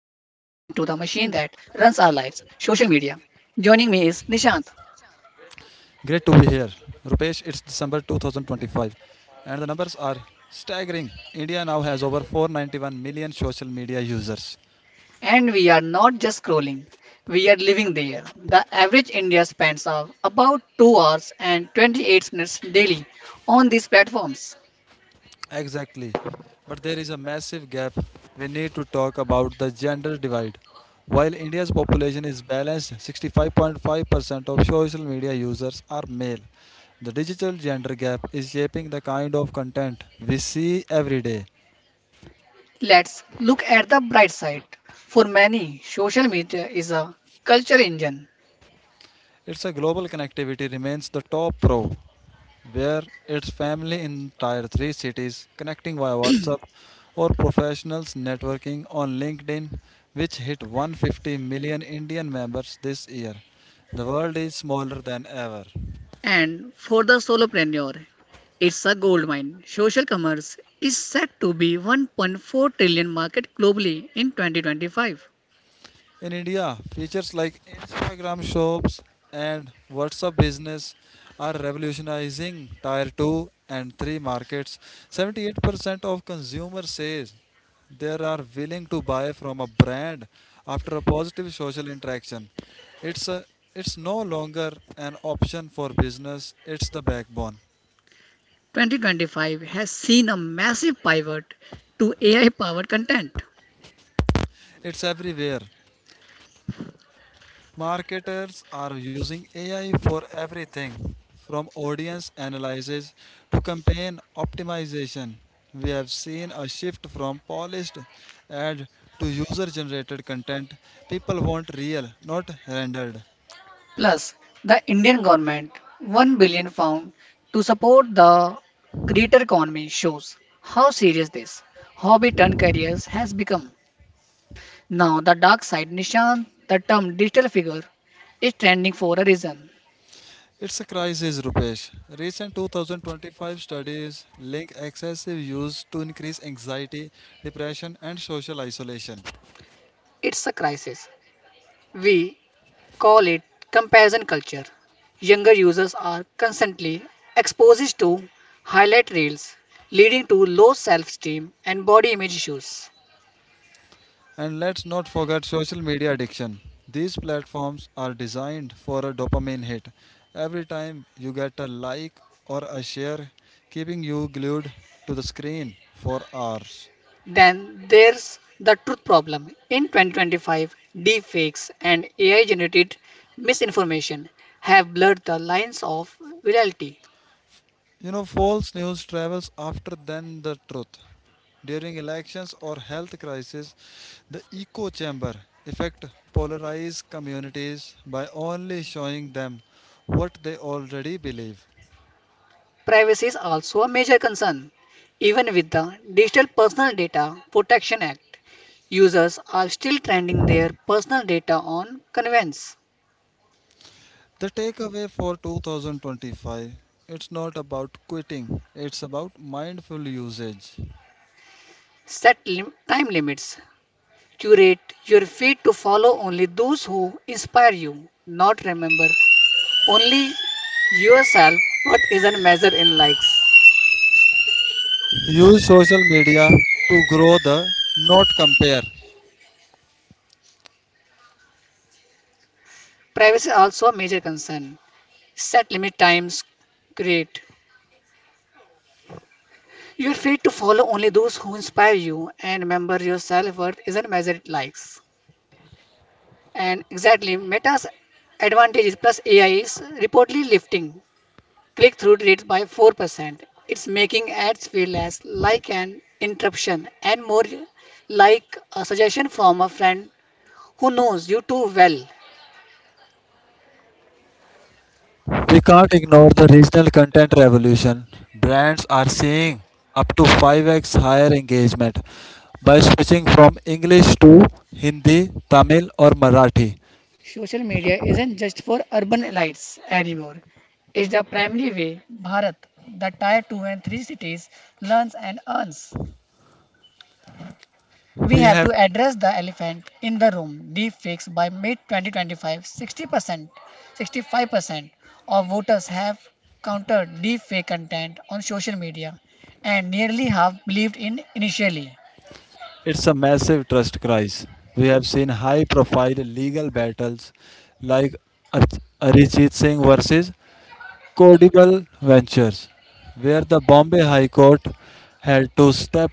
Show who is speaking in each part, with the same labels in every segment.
Speaker 1: lives social media. Joining me is Nishant.
Speaker 2: Great to be here. Rupesh, it's December 2025 and the numbers are staggering. India now has over 491 million social media users.
Speaker 1: And we are not just scrolling, we are living there. The average India spends of about 2 hours and 28 minutes daily on these platforms.
Speaker 2: Exactly. But there is a massive gap. We need to talk about the gender divide. While India's population is balanced, 65.5% of social media users are male. The digital gender gap is shaping the kind of content we see every day.
Speaker 1: Let's look at the bright side. For many, social media is a culture engine.
Speaker 2: Its a global connectivity remains the top pro, where its family in tier 3 cities connecting via WhatsApp or professionals networking on LinkedIn, which hit 150 million Indian members this year. The world is smaller than ever.
Speaker 1: And for the solopreneur, it's a goldmine. Social commerce is set to be 1.4 trillion market globally in 2025.
Speaker 2: In India, features like Instagram shops and WhatsApp business are revolutionizing tier 2 and 3 markets. 78% of consumers says they are willing to buy from a brand after a positive social interaction. It's a, it's no longer an option for business, it's the backbone.
Speaker 1: 2025 has seen a massive pivot to AI powered content.
Speaker 2: It's everywhere. Marketers are using AI for everything from audience analysis to campaign optimization. We have seen a shift from polished ad to user generated content. People want real, not rendered.
Speaker 1: Plus, the Indian government £1 billion to support the creator economy shows how serious this hobby turn careers has become. Now, the dark side, Nishan, the term digital figure, is trending for a reason.
Speaker 2: It's a crisis, Rupesh. Recent 2025 studies link excessive use to increased anxiety, depression, and social isolation.
Speaker 1: It's a crisis. We call it comparison culture. Younger users are constantly exposed to highlight reels, leading to low self esteem and body image issues.
Speaker 2: And let's not forget social media addiction. These platforms are designed for a dopamine hit. Every time you get a like or a share, keeping you glued to the screen for hours.
Speaker 1: Then there's the truth problem. In 2025, deepfakes and AI generated misinformation have blurred the lines of reality.
Speaker 2: False news travels after than the truth. During elections or health crisis, the echo chamber effect polarizes communities by only showing them what they already believe.
Speaker 1: Privacy is also a major concern, even with the Digital Personal Data Protection Act. Users are still trending their personal data on conveyance.
Speaker 2: The takeaway for 2025: it's not about quitting, it's about mindful usage.
Speaker 1: Set time limits. Curate your feed to follow only those who inspire you, not remember only yourself what isn't measured in likes.
Speaker 2: Use social media to grow the not compare.
Speaker 1: Privacy also a major concern. Set limit times. Create your feed to follow only those who inspire you and remember your self worth isn't measured in likes. And exactly, Meta's advantages plus AI is reportedly lifting click through rates by 4%. It's making ads feel less like an interruption and more like a suggestion from a friend who knows you too well.
Speaker 2: We can't ignore the regional content revolution. Brands are seeing up to 5x higher engagement by switching from English to Hindi, Tamil, or Marathi.
Speaker 1: Social media isn't just for urban elites anymore. It's the primary way Bharat, the tier 2 and 3 cities, learns and earns. We
Speaker 2: We
Speaker 1: have
Speaker 2: have
Speaker 1: to address the elephant in the room. Deepfakes by mid 2025, 60%, 65% of voters have countered deepfake content on social media, and nearly half believed in initially.
Speaker 2: It's a massive trust crisis. We have seen high profile legal battles like Arijit Singh versus Codible Ventures, where the Bombay High Court had to step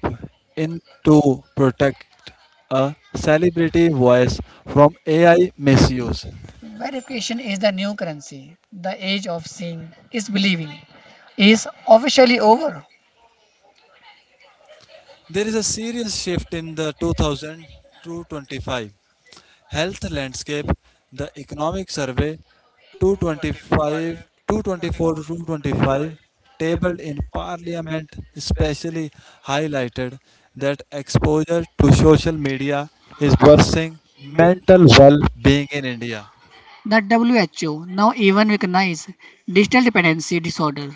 Speaker 2: in to protect a celebrity voice from AI misuse.
Speaker 1: Verification is the new currency. The age of seeing is believing is officially over.
Speaker 2: There is a serious shift in the 2000 to 25 health landscape. The Economic Survey 225 224 to 225 tabled in Parliament especially highlighted that exposure to social media is worsening mental well-being in India.
Speaker 1: That WHO now even recognize digital dependency disorder.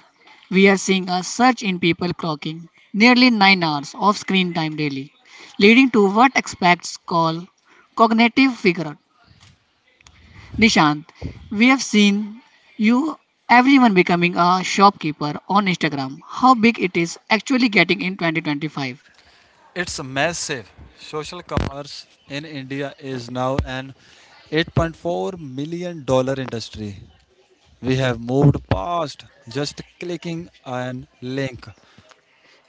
Speaker 1: We are seeing a surge in people clocking nearly 9 hours of screen time daily, leading to what experts call cognitive figure. Nishant, we have seen you everyone becoming a shopkeeper on Instagram. How big it is actually getting in 2025?
Speaker 2: It's massive. Social commerce in India is now an $8.4 million industry. We have moved past just clicking an link.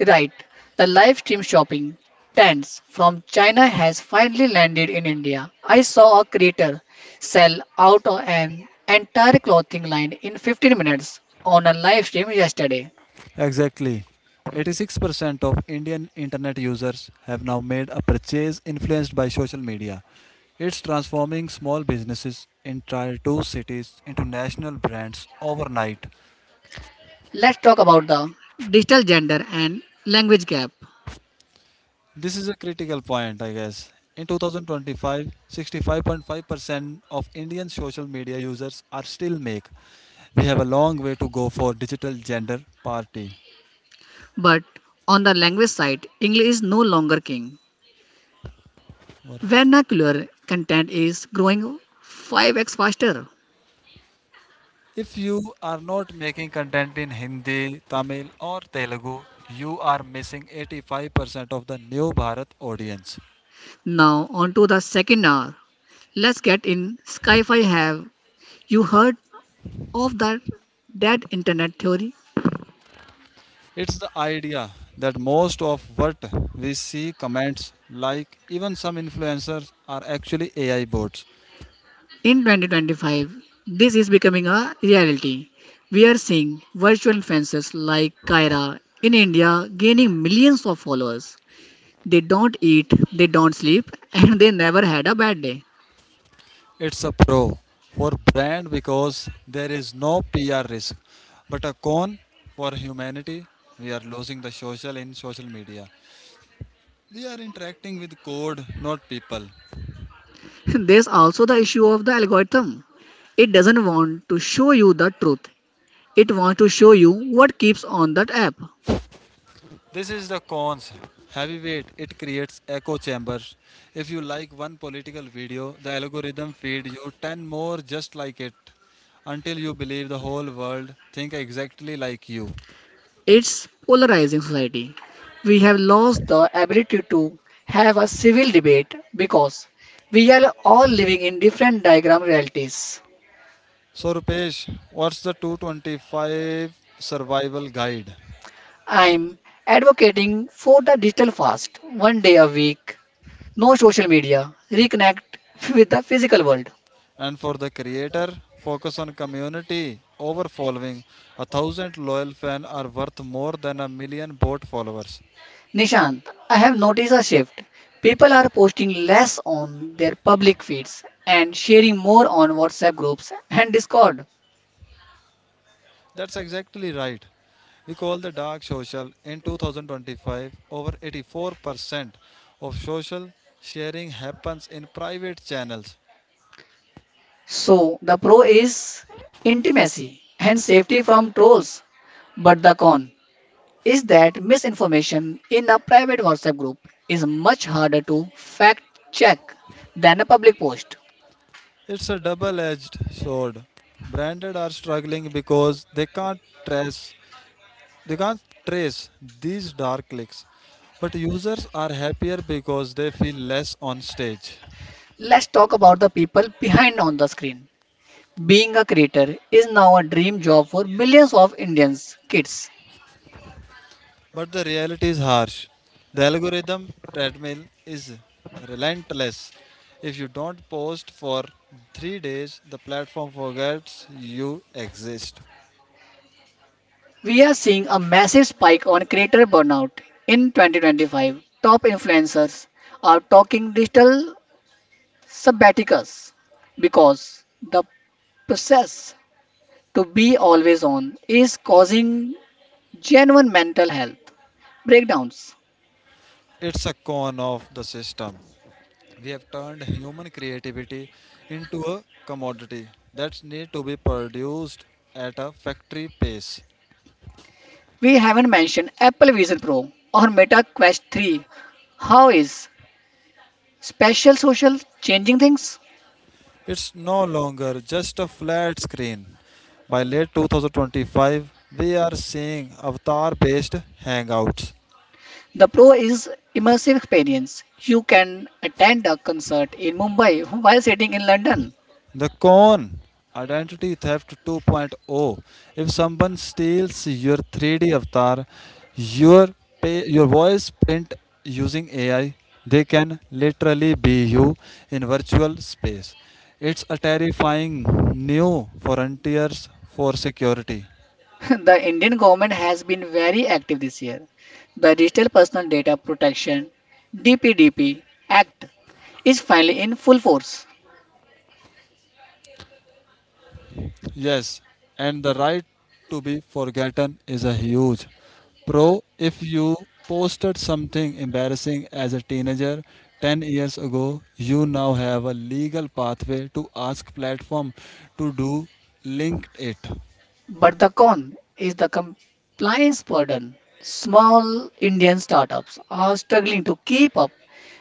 Speaker 1: Right, the live stream shopping tents from China has finally landed in India. I saw a creator sell out an entire clothing line in 15 minutes on a live stream yesterday.
Speaker 2: Exactly. 86% of Indian internet users have now made a purchase influenced by social media. It's transforming small businesses in tier 2 cities into national brands overnight.
Speaker 1: Let's talk about the digital gender and language gap.
Speaker 2: This is a critical point, I guess. In 2025, 65.5% of Indian social media users are still make. We have a long way to go for digital gender party.
Speaker 1: But on the language side, English is no longer king.
Speaker 2: Or-
Speaker 1: Vernacular content is growing 5x faster.
Speaker 2: If you are not making content in Hindi, Tamil, or Telugu, you are missing 85% of the new Bharat audience.
Speaker 1: Now, on to the second hour. Let's get in. Skyfi, have you heard of that internet theory.
Speaker 2: It's the idea that most of what we see comments like even some influencers are actually AI bots.
Speaker 1: In 2025, this is becoming a reality. We are seeing virtual influencers like Kyra in India gaining millions of followers. They don't eat, they don't sleep, and they never had a bad day.
Speaker 2: It's a pro for brand because there is no PR risk, but a con for humanity. We are losing the social in social media. We are interacting with code, not people.
Speaker 1: There's also the issue of the algorithm. It doesn't want to show you the truth. It wants to show you what keeps on that app.
Speaker 2: This is the cons. Heavyweight, it creates echo chambers. If you like one political video, the algorithm feeds you 10 more just like it until you believe the whole world think exactly like you.
Speaker 1: It's polarizing society. We have lost the ability to have a civil debate because we are all living in different diagram realities.
Speaker 2: So Rupesh, what's the 225 survival guide?
Speaker 1: I'm advocating for the digital fast, one day a week, no social media, reconnect with the physical world.
Speaker 2: And for the creator, focus on community over following. A thousand loyal fans are worth more than a million bot followers.
Speaker 1: Nishant, I have noticed a shift. People are posting less on their public feeds and sharing more on WhatsApp groups and Discord.
Speaker 2: That's exactly right. We call the dark social in 2025 over 84% of social sharing happens in private channels.
Speaker 1: So the pro is intimacy and safety from trolls, but the con is that misinformation in a private WhatsApp group is much harder to fact check than a public post.
Speaker 2: It's a double-edged sword. Branded are struggling because they can't trace these dark clicks. But users are happier because they feel less on stage.
Speaker 1: Let's talk about the people behind on the screen. Being a creator is now a dream job for millions of Indians kids.
Speaker 2: But the reality is harsh. The algorithm treadmill is relentless. If you don't post for 3 days, the platform forgets you exist.
Speaker 1: We are seeing a massive spike on creator burnout in 2025. Top influencers are talking digital sabbaticus because the process to be always on is causing genuine mental health breakdowns.
Speaker 2: It's a con of the system. We have turned human creativity into a commodity that needs to be produced at a factory pace.
Speaker 1: We haven't mentioned Apple Vision Pro or Meta Quest 3. How is special social changing things?
Speaker 2: It's no longer just a flat screen. By late 2025, we are seeing avatar based hangouts.
Speaker 1: The pro is immersive experience. You can attend a concert in Mumbai while sitting in London.
Speaker 2: The con Identity Theft 2.0. If someone steals your 3D avatar, your, pay, your voice print using AI, they can literally be you in virtual space. It's a terrifying new frontiers for security.
Speaker 1: The Indian government has been very active this year. The Digital Personal Data Protection, DPDP, Act is finally in full force.
Speaker 2: Yes, and the right to be forgotten is a huge pro. If you posted something embarrassing as a teenager 10 years ago, you now have a legal pathway to ask platform to do linked it.
Speaker 1: But the con is the compliance burden. Small Indian startups are struggling to keep up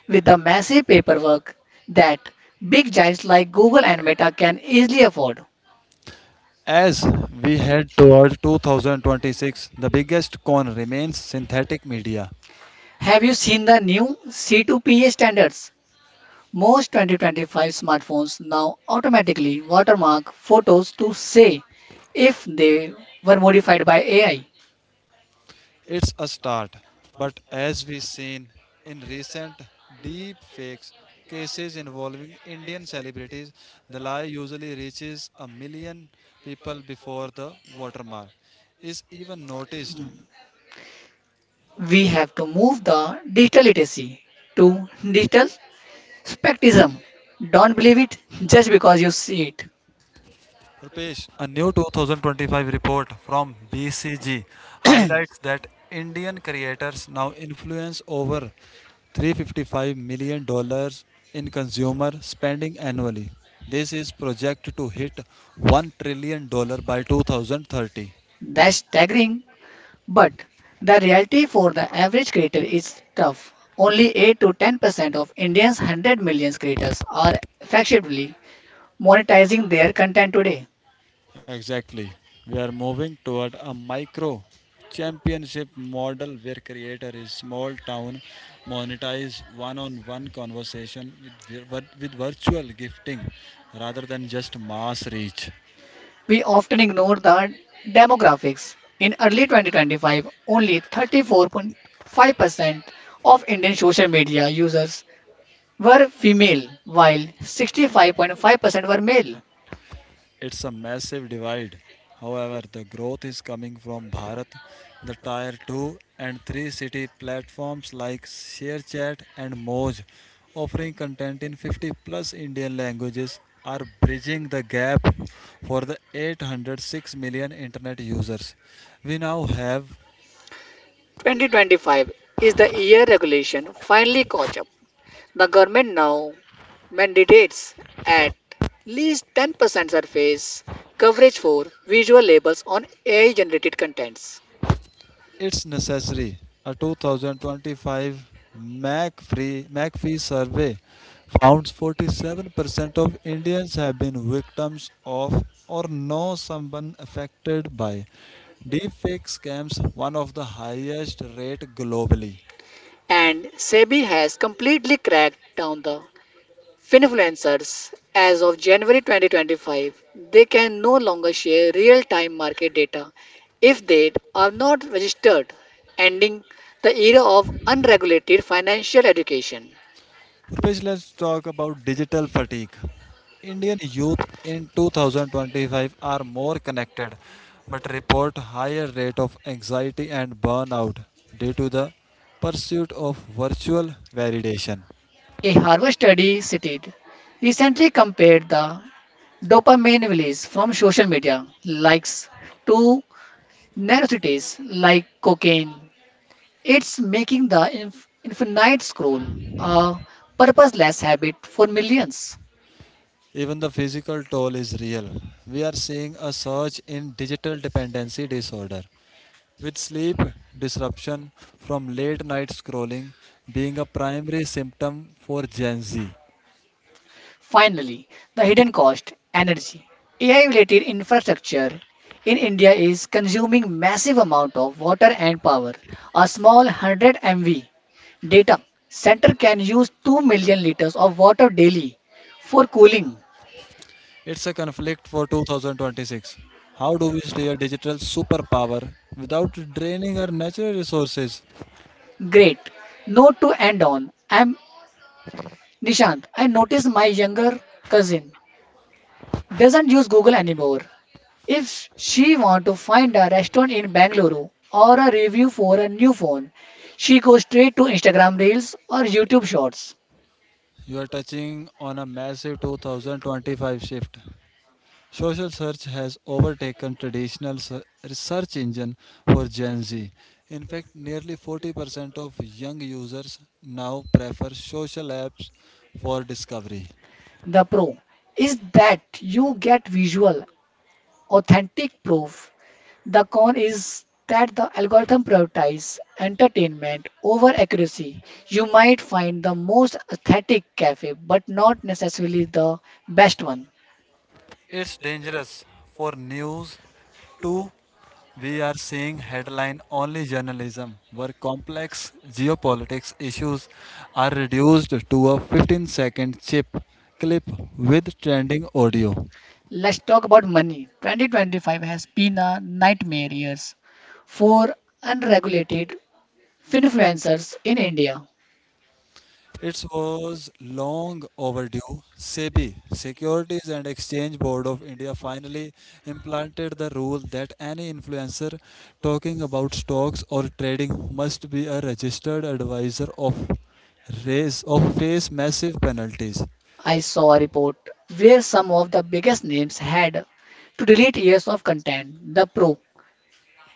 Speaker 1: with the massive paperwork that big giants like Google and Meta can easily afford.
Speaker 2: As we head toward 2026, the biggest con remains synthetic media.
Speaker 1: Have you seen the new C2PA standards? Most 2025 smartphones now automatically watermark photos to say if they were modified by AI.
Speaker 2: It's a start, but as we seen in recent deep fakes cases involving Indian celebrities, the lie usually reaches a million people before the watermark is even noticed.
Speaker 1: We have to move the digital literacy to digital skepticism. Don't believe it just because you see it.
Speaker 2: Rupesh, a new 2025 report from BCG highlights that Indian creators now influence over $355 million in consumer spending annually. This is projected to hit $1 trillion by 2030.
Speaker 1: That's staggering, but the reality for the average creator is tough. Only 8 to 10% of Indians' 100 million creators are effectively monetizing their content today.
Speaker 2: Exactly. We are moving toward a micro championship model where creator is small town monetize one-on-one conversation with virtual gifting rather than just mass reach.
Speaker 1: We often ignore the demographics. In early 2025, only 34.5% of Indian social media users were female, while 65.5% were male.
Speaker 2: It's a massive divide. However, the growth is coming from Bharat, the Tier 2 and 3 city platforms like ShareChat and Moj, offering content in 50 plus Indian languages, are bridging the gap for the 806 million internet users. We now have
Speaker 1: 2025 is the year regulation finally caught up. The government now mandates at least 10% surface coverage for visual labels on AI generated contents.
Speaker 2: it's necessary. A 2025 McFree, McPhee survey found 47% of Indians have been victims of or know someone affected by deepfake scams, one of the highest rate globally.
Speaker 1: And SEBI has completely cracked down the Finfluencers, as of January 2025, they can no longer share real time market data if they are not registered, ending the era of unregulated financial education.
Speaker 2: Rupesh, let's talk about digital fatigue. Indian youth in 2025 are more connected but report higher rate of anxiety and burnout due to the pursuit of virtual validation.
Speaker 1: A Harvard study cited recently compared the dopamine release from social media likes to nanocities like cocaine. It's making the infinite scroll a purposeless habit for millions.
Speaker 2: Even the physical toll is real. We are seeing a surge in digital dependency disorder, with sleep disruption from late night scrolling being a primary symptom for Gen Z.
Speaker 1: Finally, the hidden cost energy. AI related infrastructure in India is consuming massive amount of water and power. A small 100 MV data center can use 2 million liters of water daily for cooling.
Speaker 2: It's a conflict for 2026. How do we stay a digital superpower without draining our natural resources?
Speaker 1: Great. Note to end on. I'm Nishant. I noticed my younger cousin doesn't use Google anymore. If she want to find a restaurant in Bangalore or a review for a new phone, she goes straight to Instagram Reels or YouTube Shorts.
Speaker 2: You are touching on a massive 2025 shift. Social search has overtaken traditional search engine for Gen Z. In fact, nearly 40% of young users now prefer social apps for discovery.
Speaker 1: The pro is that you get visual, authentic proof. The con is that the algorithm prioritizes entertainment over accuracy. You might find the most aesthetic cafe, but not necessarily the best one.
Speaker 2: It's dangerous for news too. We are seeing headline only journalism where complex geopolitics issues are reduced to a 15-second chip clip with trending audio.
Speaker 1: Let's talk about money. 2025 has been a nightmare years for unregulated finfluencers in India.
Speaker 2: It was long overdue. SEBI, Securities and Exchange Board of India, finally implanted the rule that any influencer talking about stocks or trading must be a registered advisor of raise or face massive penalties.
Speaker 1: I saw a report where some of the biggest names had to delete years of content. The pro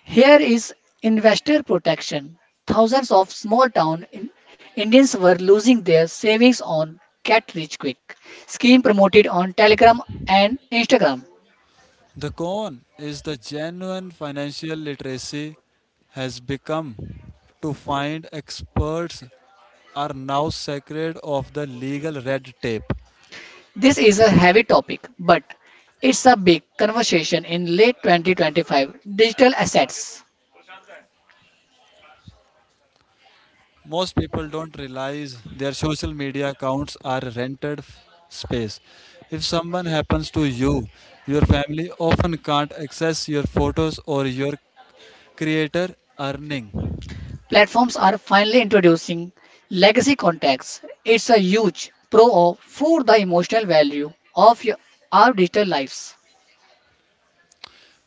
Speaker 1: here is investor protection. Thousands of small town Indians were losing their savings on Get Rich Quick scheme promoted on Telegram and Instagram.
Speaker 2: The con is the genuine financial literacy has become to find experts are now sacred of the legal red tape.
Speaker 1: This is a heavy topic, but it's a big conversation in late 2025. Digital assets
Speaker 2: Most people don't realize their social media accounts are rented space. If someone happens to you, your family often can't access your photos or your creator earning.
Speaker 1: platforms are finally introducing legacy contacts. It's a huge pro for the emotional value of our digital lives.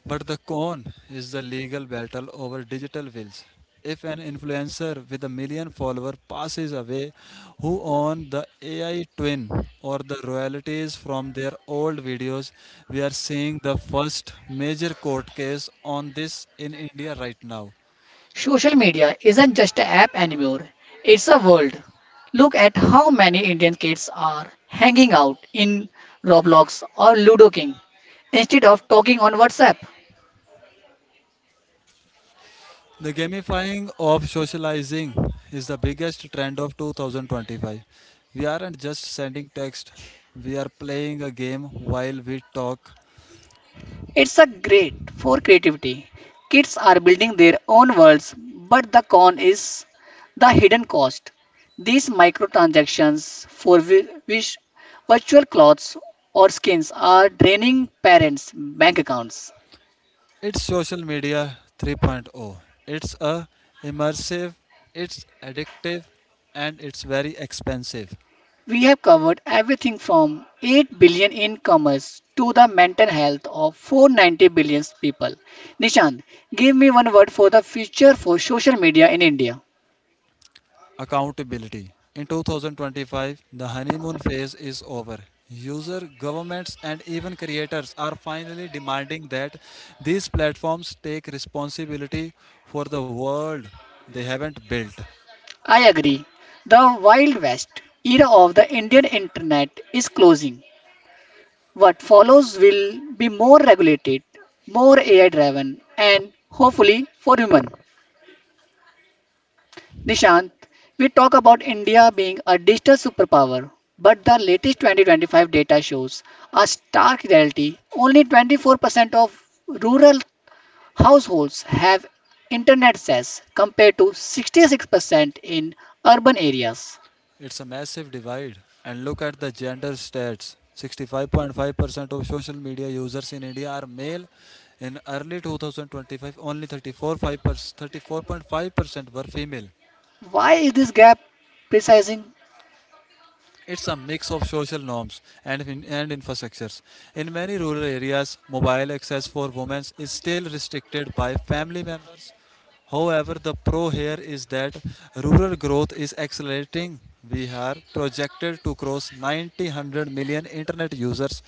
Speaker 2: But the con is the legal battle over digital wills. If an influencer with a million followers passes away, who owns the AI twin or the royalties from their old videos? We are seeing the first major court case on this in India right now.
Speaker 1: Social media isn't just an app anymore, it's a world. Look at how many Indian kids are hanging out in Roblox or Ludo King instead of talking on WhatsApp.
Speaker 2: The gamifying of socializing is the biggest trend of 2025. We aren't just sending text, we are playing a game while we talk.
Speaker 1: It's a great for creativity. Kids are building their own worlds, but the con is the hidden cost. These microtransactions for which virtual clothes or skins are draining parents' bank accounts.
Speaker 2: It's social media 3.0. It's a immersive, it's addictive, and it's very expensive.
Speaker 1: We have covered everything from 8 billion in commerce to the mental health of 490 billion people. Nishan, give me one word for the future for social media in India.
Speaker 2: Accountability. In 2025, the honeymoon phase is over. User governments and even creators are finally demanding that these platforms take responsibility for the world they haven't built.
Speaker 1: I agree. The Wild West era of the Indian internet is closing. What follows will be more regulated, more AI driven, and hopefully for human. Nishant, we talk about India being a digital superpower, but the latest 2025 data shows a stark reality. Only 24% of rural households have internet access compared to 66% in urban areas.
Speaker 2: It's a massive divide. And look at the gender stats: 65.5% of social media users in India are male. In early 2025, only 34.5% were female.
Speaker 1: Why is this gap precising?
Speaker 2: It's a mix of social norms and infrastructures. In many rural areas, mobile access for women is still restricted by family members. However, the pro here is that rural growth is accelerating. We are projected to cross 900 million internet users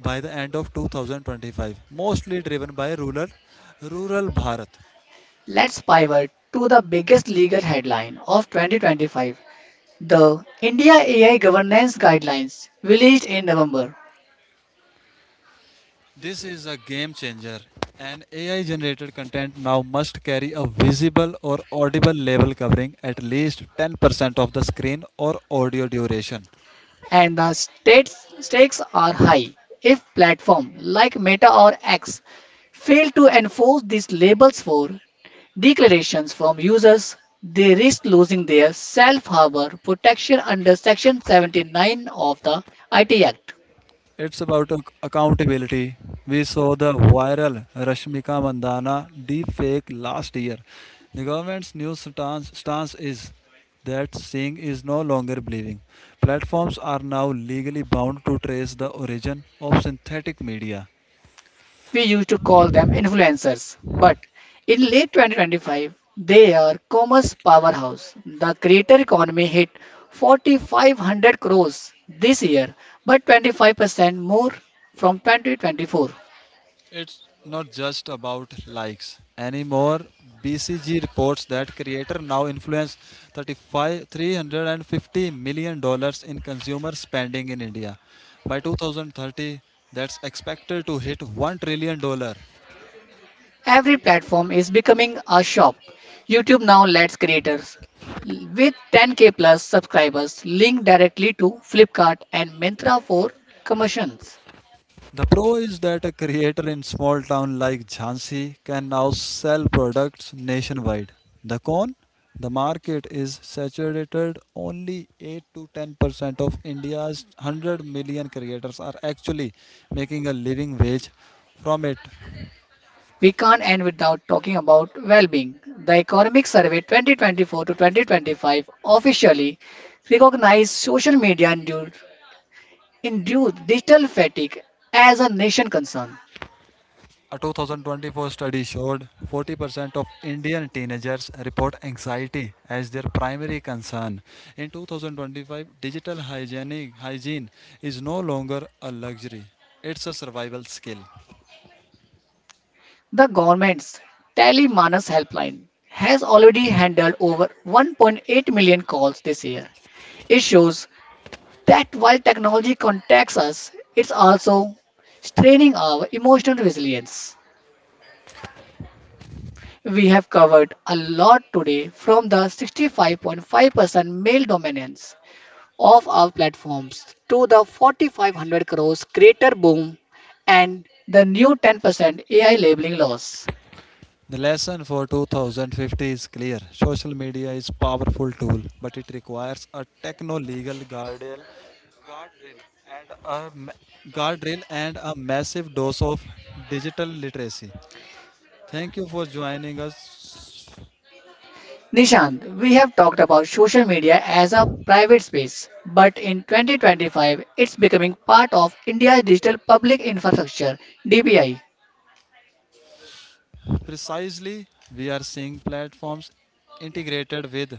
Speaker 2: by the end of 2025, mostly driven by rural Bharat.
Speaker 1: Let's pivot to the biggest legal headline of 2025, the India AI Governance Guidelines, released in November.
Speaker 2: This is a game changer. An AI generated content now must carry a visible or audible label covering at least 10% of the screen or audio duration.
Speaker 1: And the stakes are high. If platform like Meta or X fail to enforce these labels for declarations from users, they risk losing their self harbor protection under Section 79 of the IT Act.
Speaker 2: It's about accountability. We saw the viral Rashmika Mandana deepfake last year. The government's new stance is that seeing is no longer believing. Platforms are now legally bound to trace the origin of synthetic media.
Speaker 1: We used to call them influencers, but in late 2025, they are commerce powerhouse. The creator economy hit 4,500 crores this year, but 25% more from 2024.
Speaker 2: It's not just about likes anymore. BCG reports that creator now influence 35 $350 million in consumer spending in India. By 2030, that's expected to hit $1 trillion.
Speaker 1: Every platform is becoming a shop. YouTube now lets creators with 10K plus subscribers link directly to Flipkart and Myntra for commissions.
Speaker 2: The pro is that a creator in small town like Jhansi can now sell products nationwide. The con, the market is saturated. Only 8 to 10% of India's 100 million creators are actually making a living wage from it.
Speaker 1: We can't end without talking about well-being. The Economic Survey 2024 to 2025 officially recognized social media induced digital fatigue as a nation concern.
Speaker 2: A 2024 study showed 40% of Indian teenagers report anxiety as their primary concern. In 2025, digital hygiene is no longer a luxury, it's a survival skill.
Speaker 1: The government's Telemanas helpline has already handled over 1.8 million calls this year. It shows that while technology contacts us, it's also straining our emotional resilience. We have covered a lot today from the 65.5% male dominance of our platforms to the 4,500 crores creator boom and the new 10% AI labeling laws.
Speaker 2: The lesson for 2050 is clear. Social media is a powerful tool, but it requires a techno-legal guardrail and a guardrail and a massive dose of digital literacy. Thank you for joining us.
Speaker 1: Nishant, we have talked about social media as a private space, but in 2025 it's becoming part of India's digital public infrastructure, DPI.
Speaker 2: Precisely, we are seeing platforms integrated with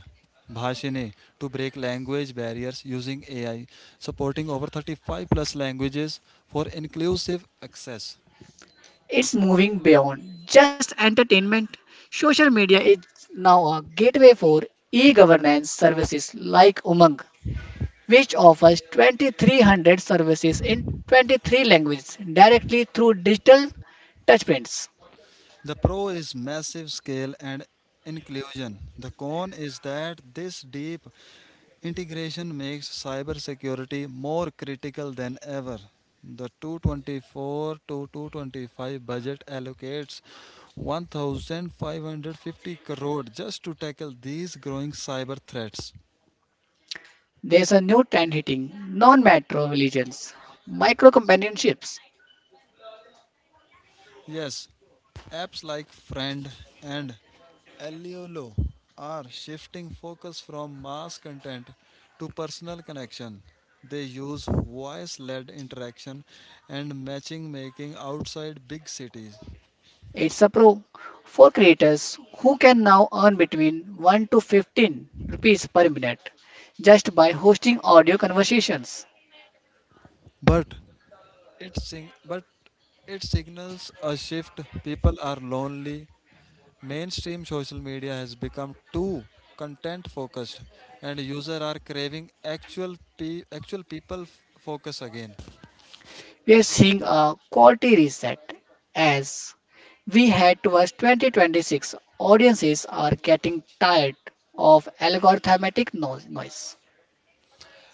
Speaker 2: Bhashini to break language barriers using AI, supporting over 35 plus languages for inclusive access.
Speaker 1: It's moving beyond just entertainment. Social media is now a gateway for e governance services like Umang, which offers 2,300 services in 23 languages directly through digital touchprints.
Speaker 2: The pro is massive scale and inclusion. The con is that this deep integration makes cybersecurity more critical than ever. The 224 to 225 budget allocates 1550 crore just to tackle these growing cyber threats.
Speaker 1: There's a new trend hitting non metro religions, micro companionships.
Speaker 2: Yes, apps like Friend and Eliolo are shifting focus from mass content to personal connection. They use voice led interaction and matching making outside big cities.
Speaker 1: It's a pro for creators who can now earn between 1 to 15 rupees per minute just by hosting audio conversations.
Speaker 2: But but it signals a shift. People are lonely. Mainstream social media has become too content focused, and users are craving actual people focus again.
Speaker 1: We are seeing a quality reset as we head towards 2026. Audiences are getting tired of algorithmic noise.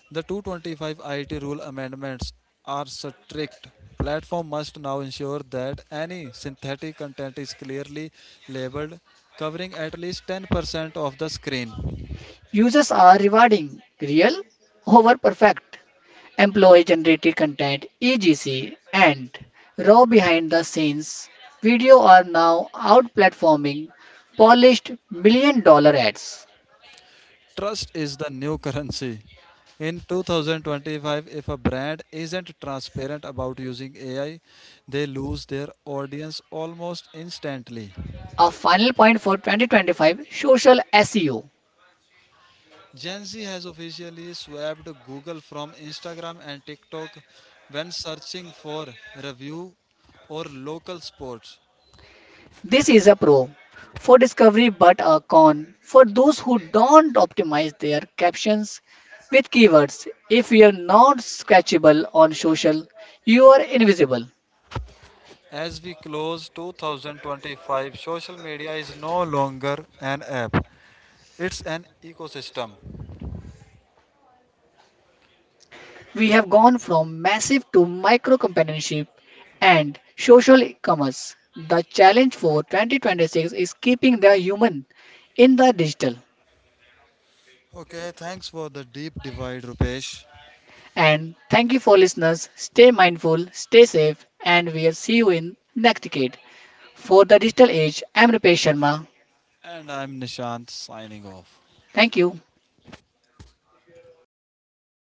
Speaker 2: The 225 IT rule amendments are strict. Platform must now ensure that any synthetic content is clearly labeled, covering at least 10% of the screen.
Speaker 1: Users are rewarding real over perfect, employee generated content, EGC, and raw behind the scenes video are now out platforming polished million-dollar ads.
Speaker 2: Trust is the new currency. In 2025, if a brand isn't transparent about using AI, they lose their audience almost instantly.
Speaker 1: A final point for 2025 social SEO.
Speaker 2: Gen Z has officially swapped Google from Instagram and TikTok when searching for review or local sports.
Speaker 1: This is a pro for discovery, but a con for those who don't optimize their captions with keywords. If you are not scratchable on social, you are invisible.
Speaker 2: As we close 2025, social media is no longer an app, it's an ecosystem.
Speaker 1: We have gone from massive to micro companionship and social commerce. The challenge for 2026 is keeping the human in the digital.
Speaker 2: Okay, thanks for the deep divide, Rupesh.
Speaker 1: And thank you for listeners. Stay mindful, stay safe, and we'll see you in next decade. For the digital age. I'm Rupesh Sharma.
Speaker 2: And I'm Nishant signing off.
Speaker 1: Thank you.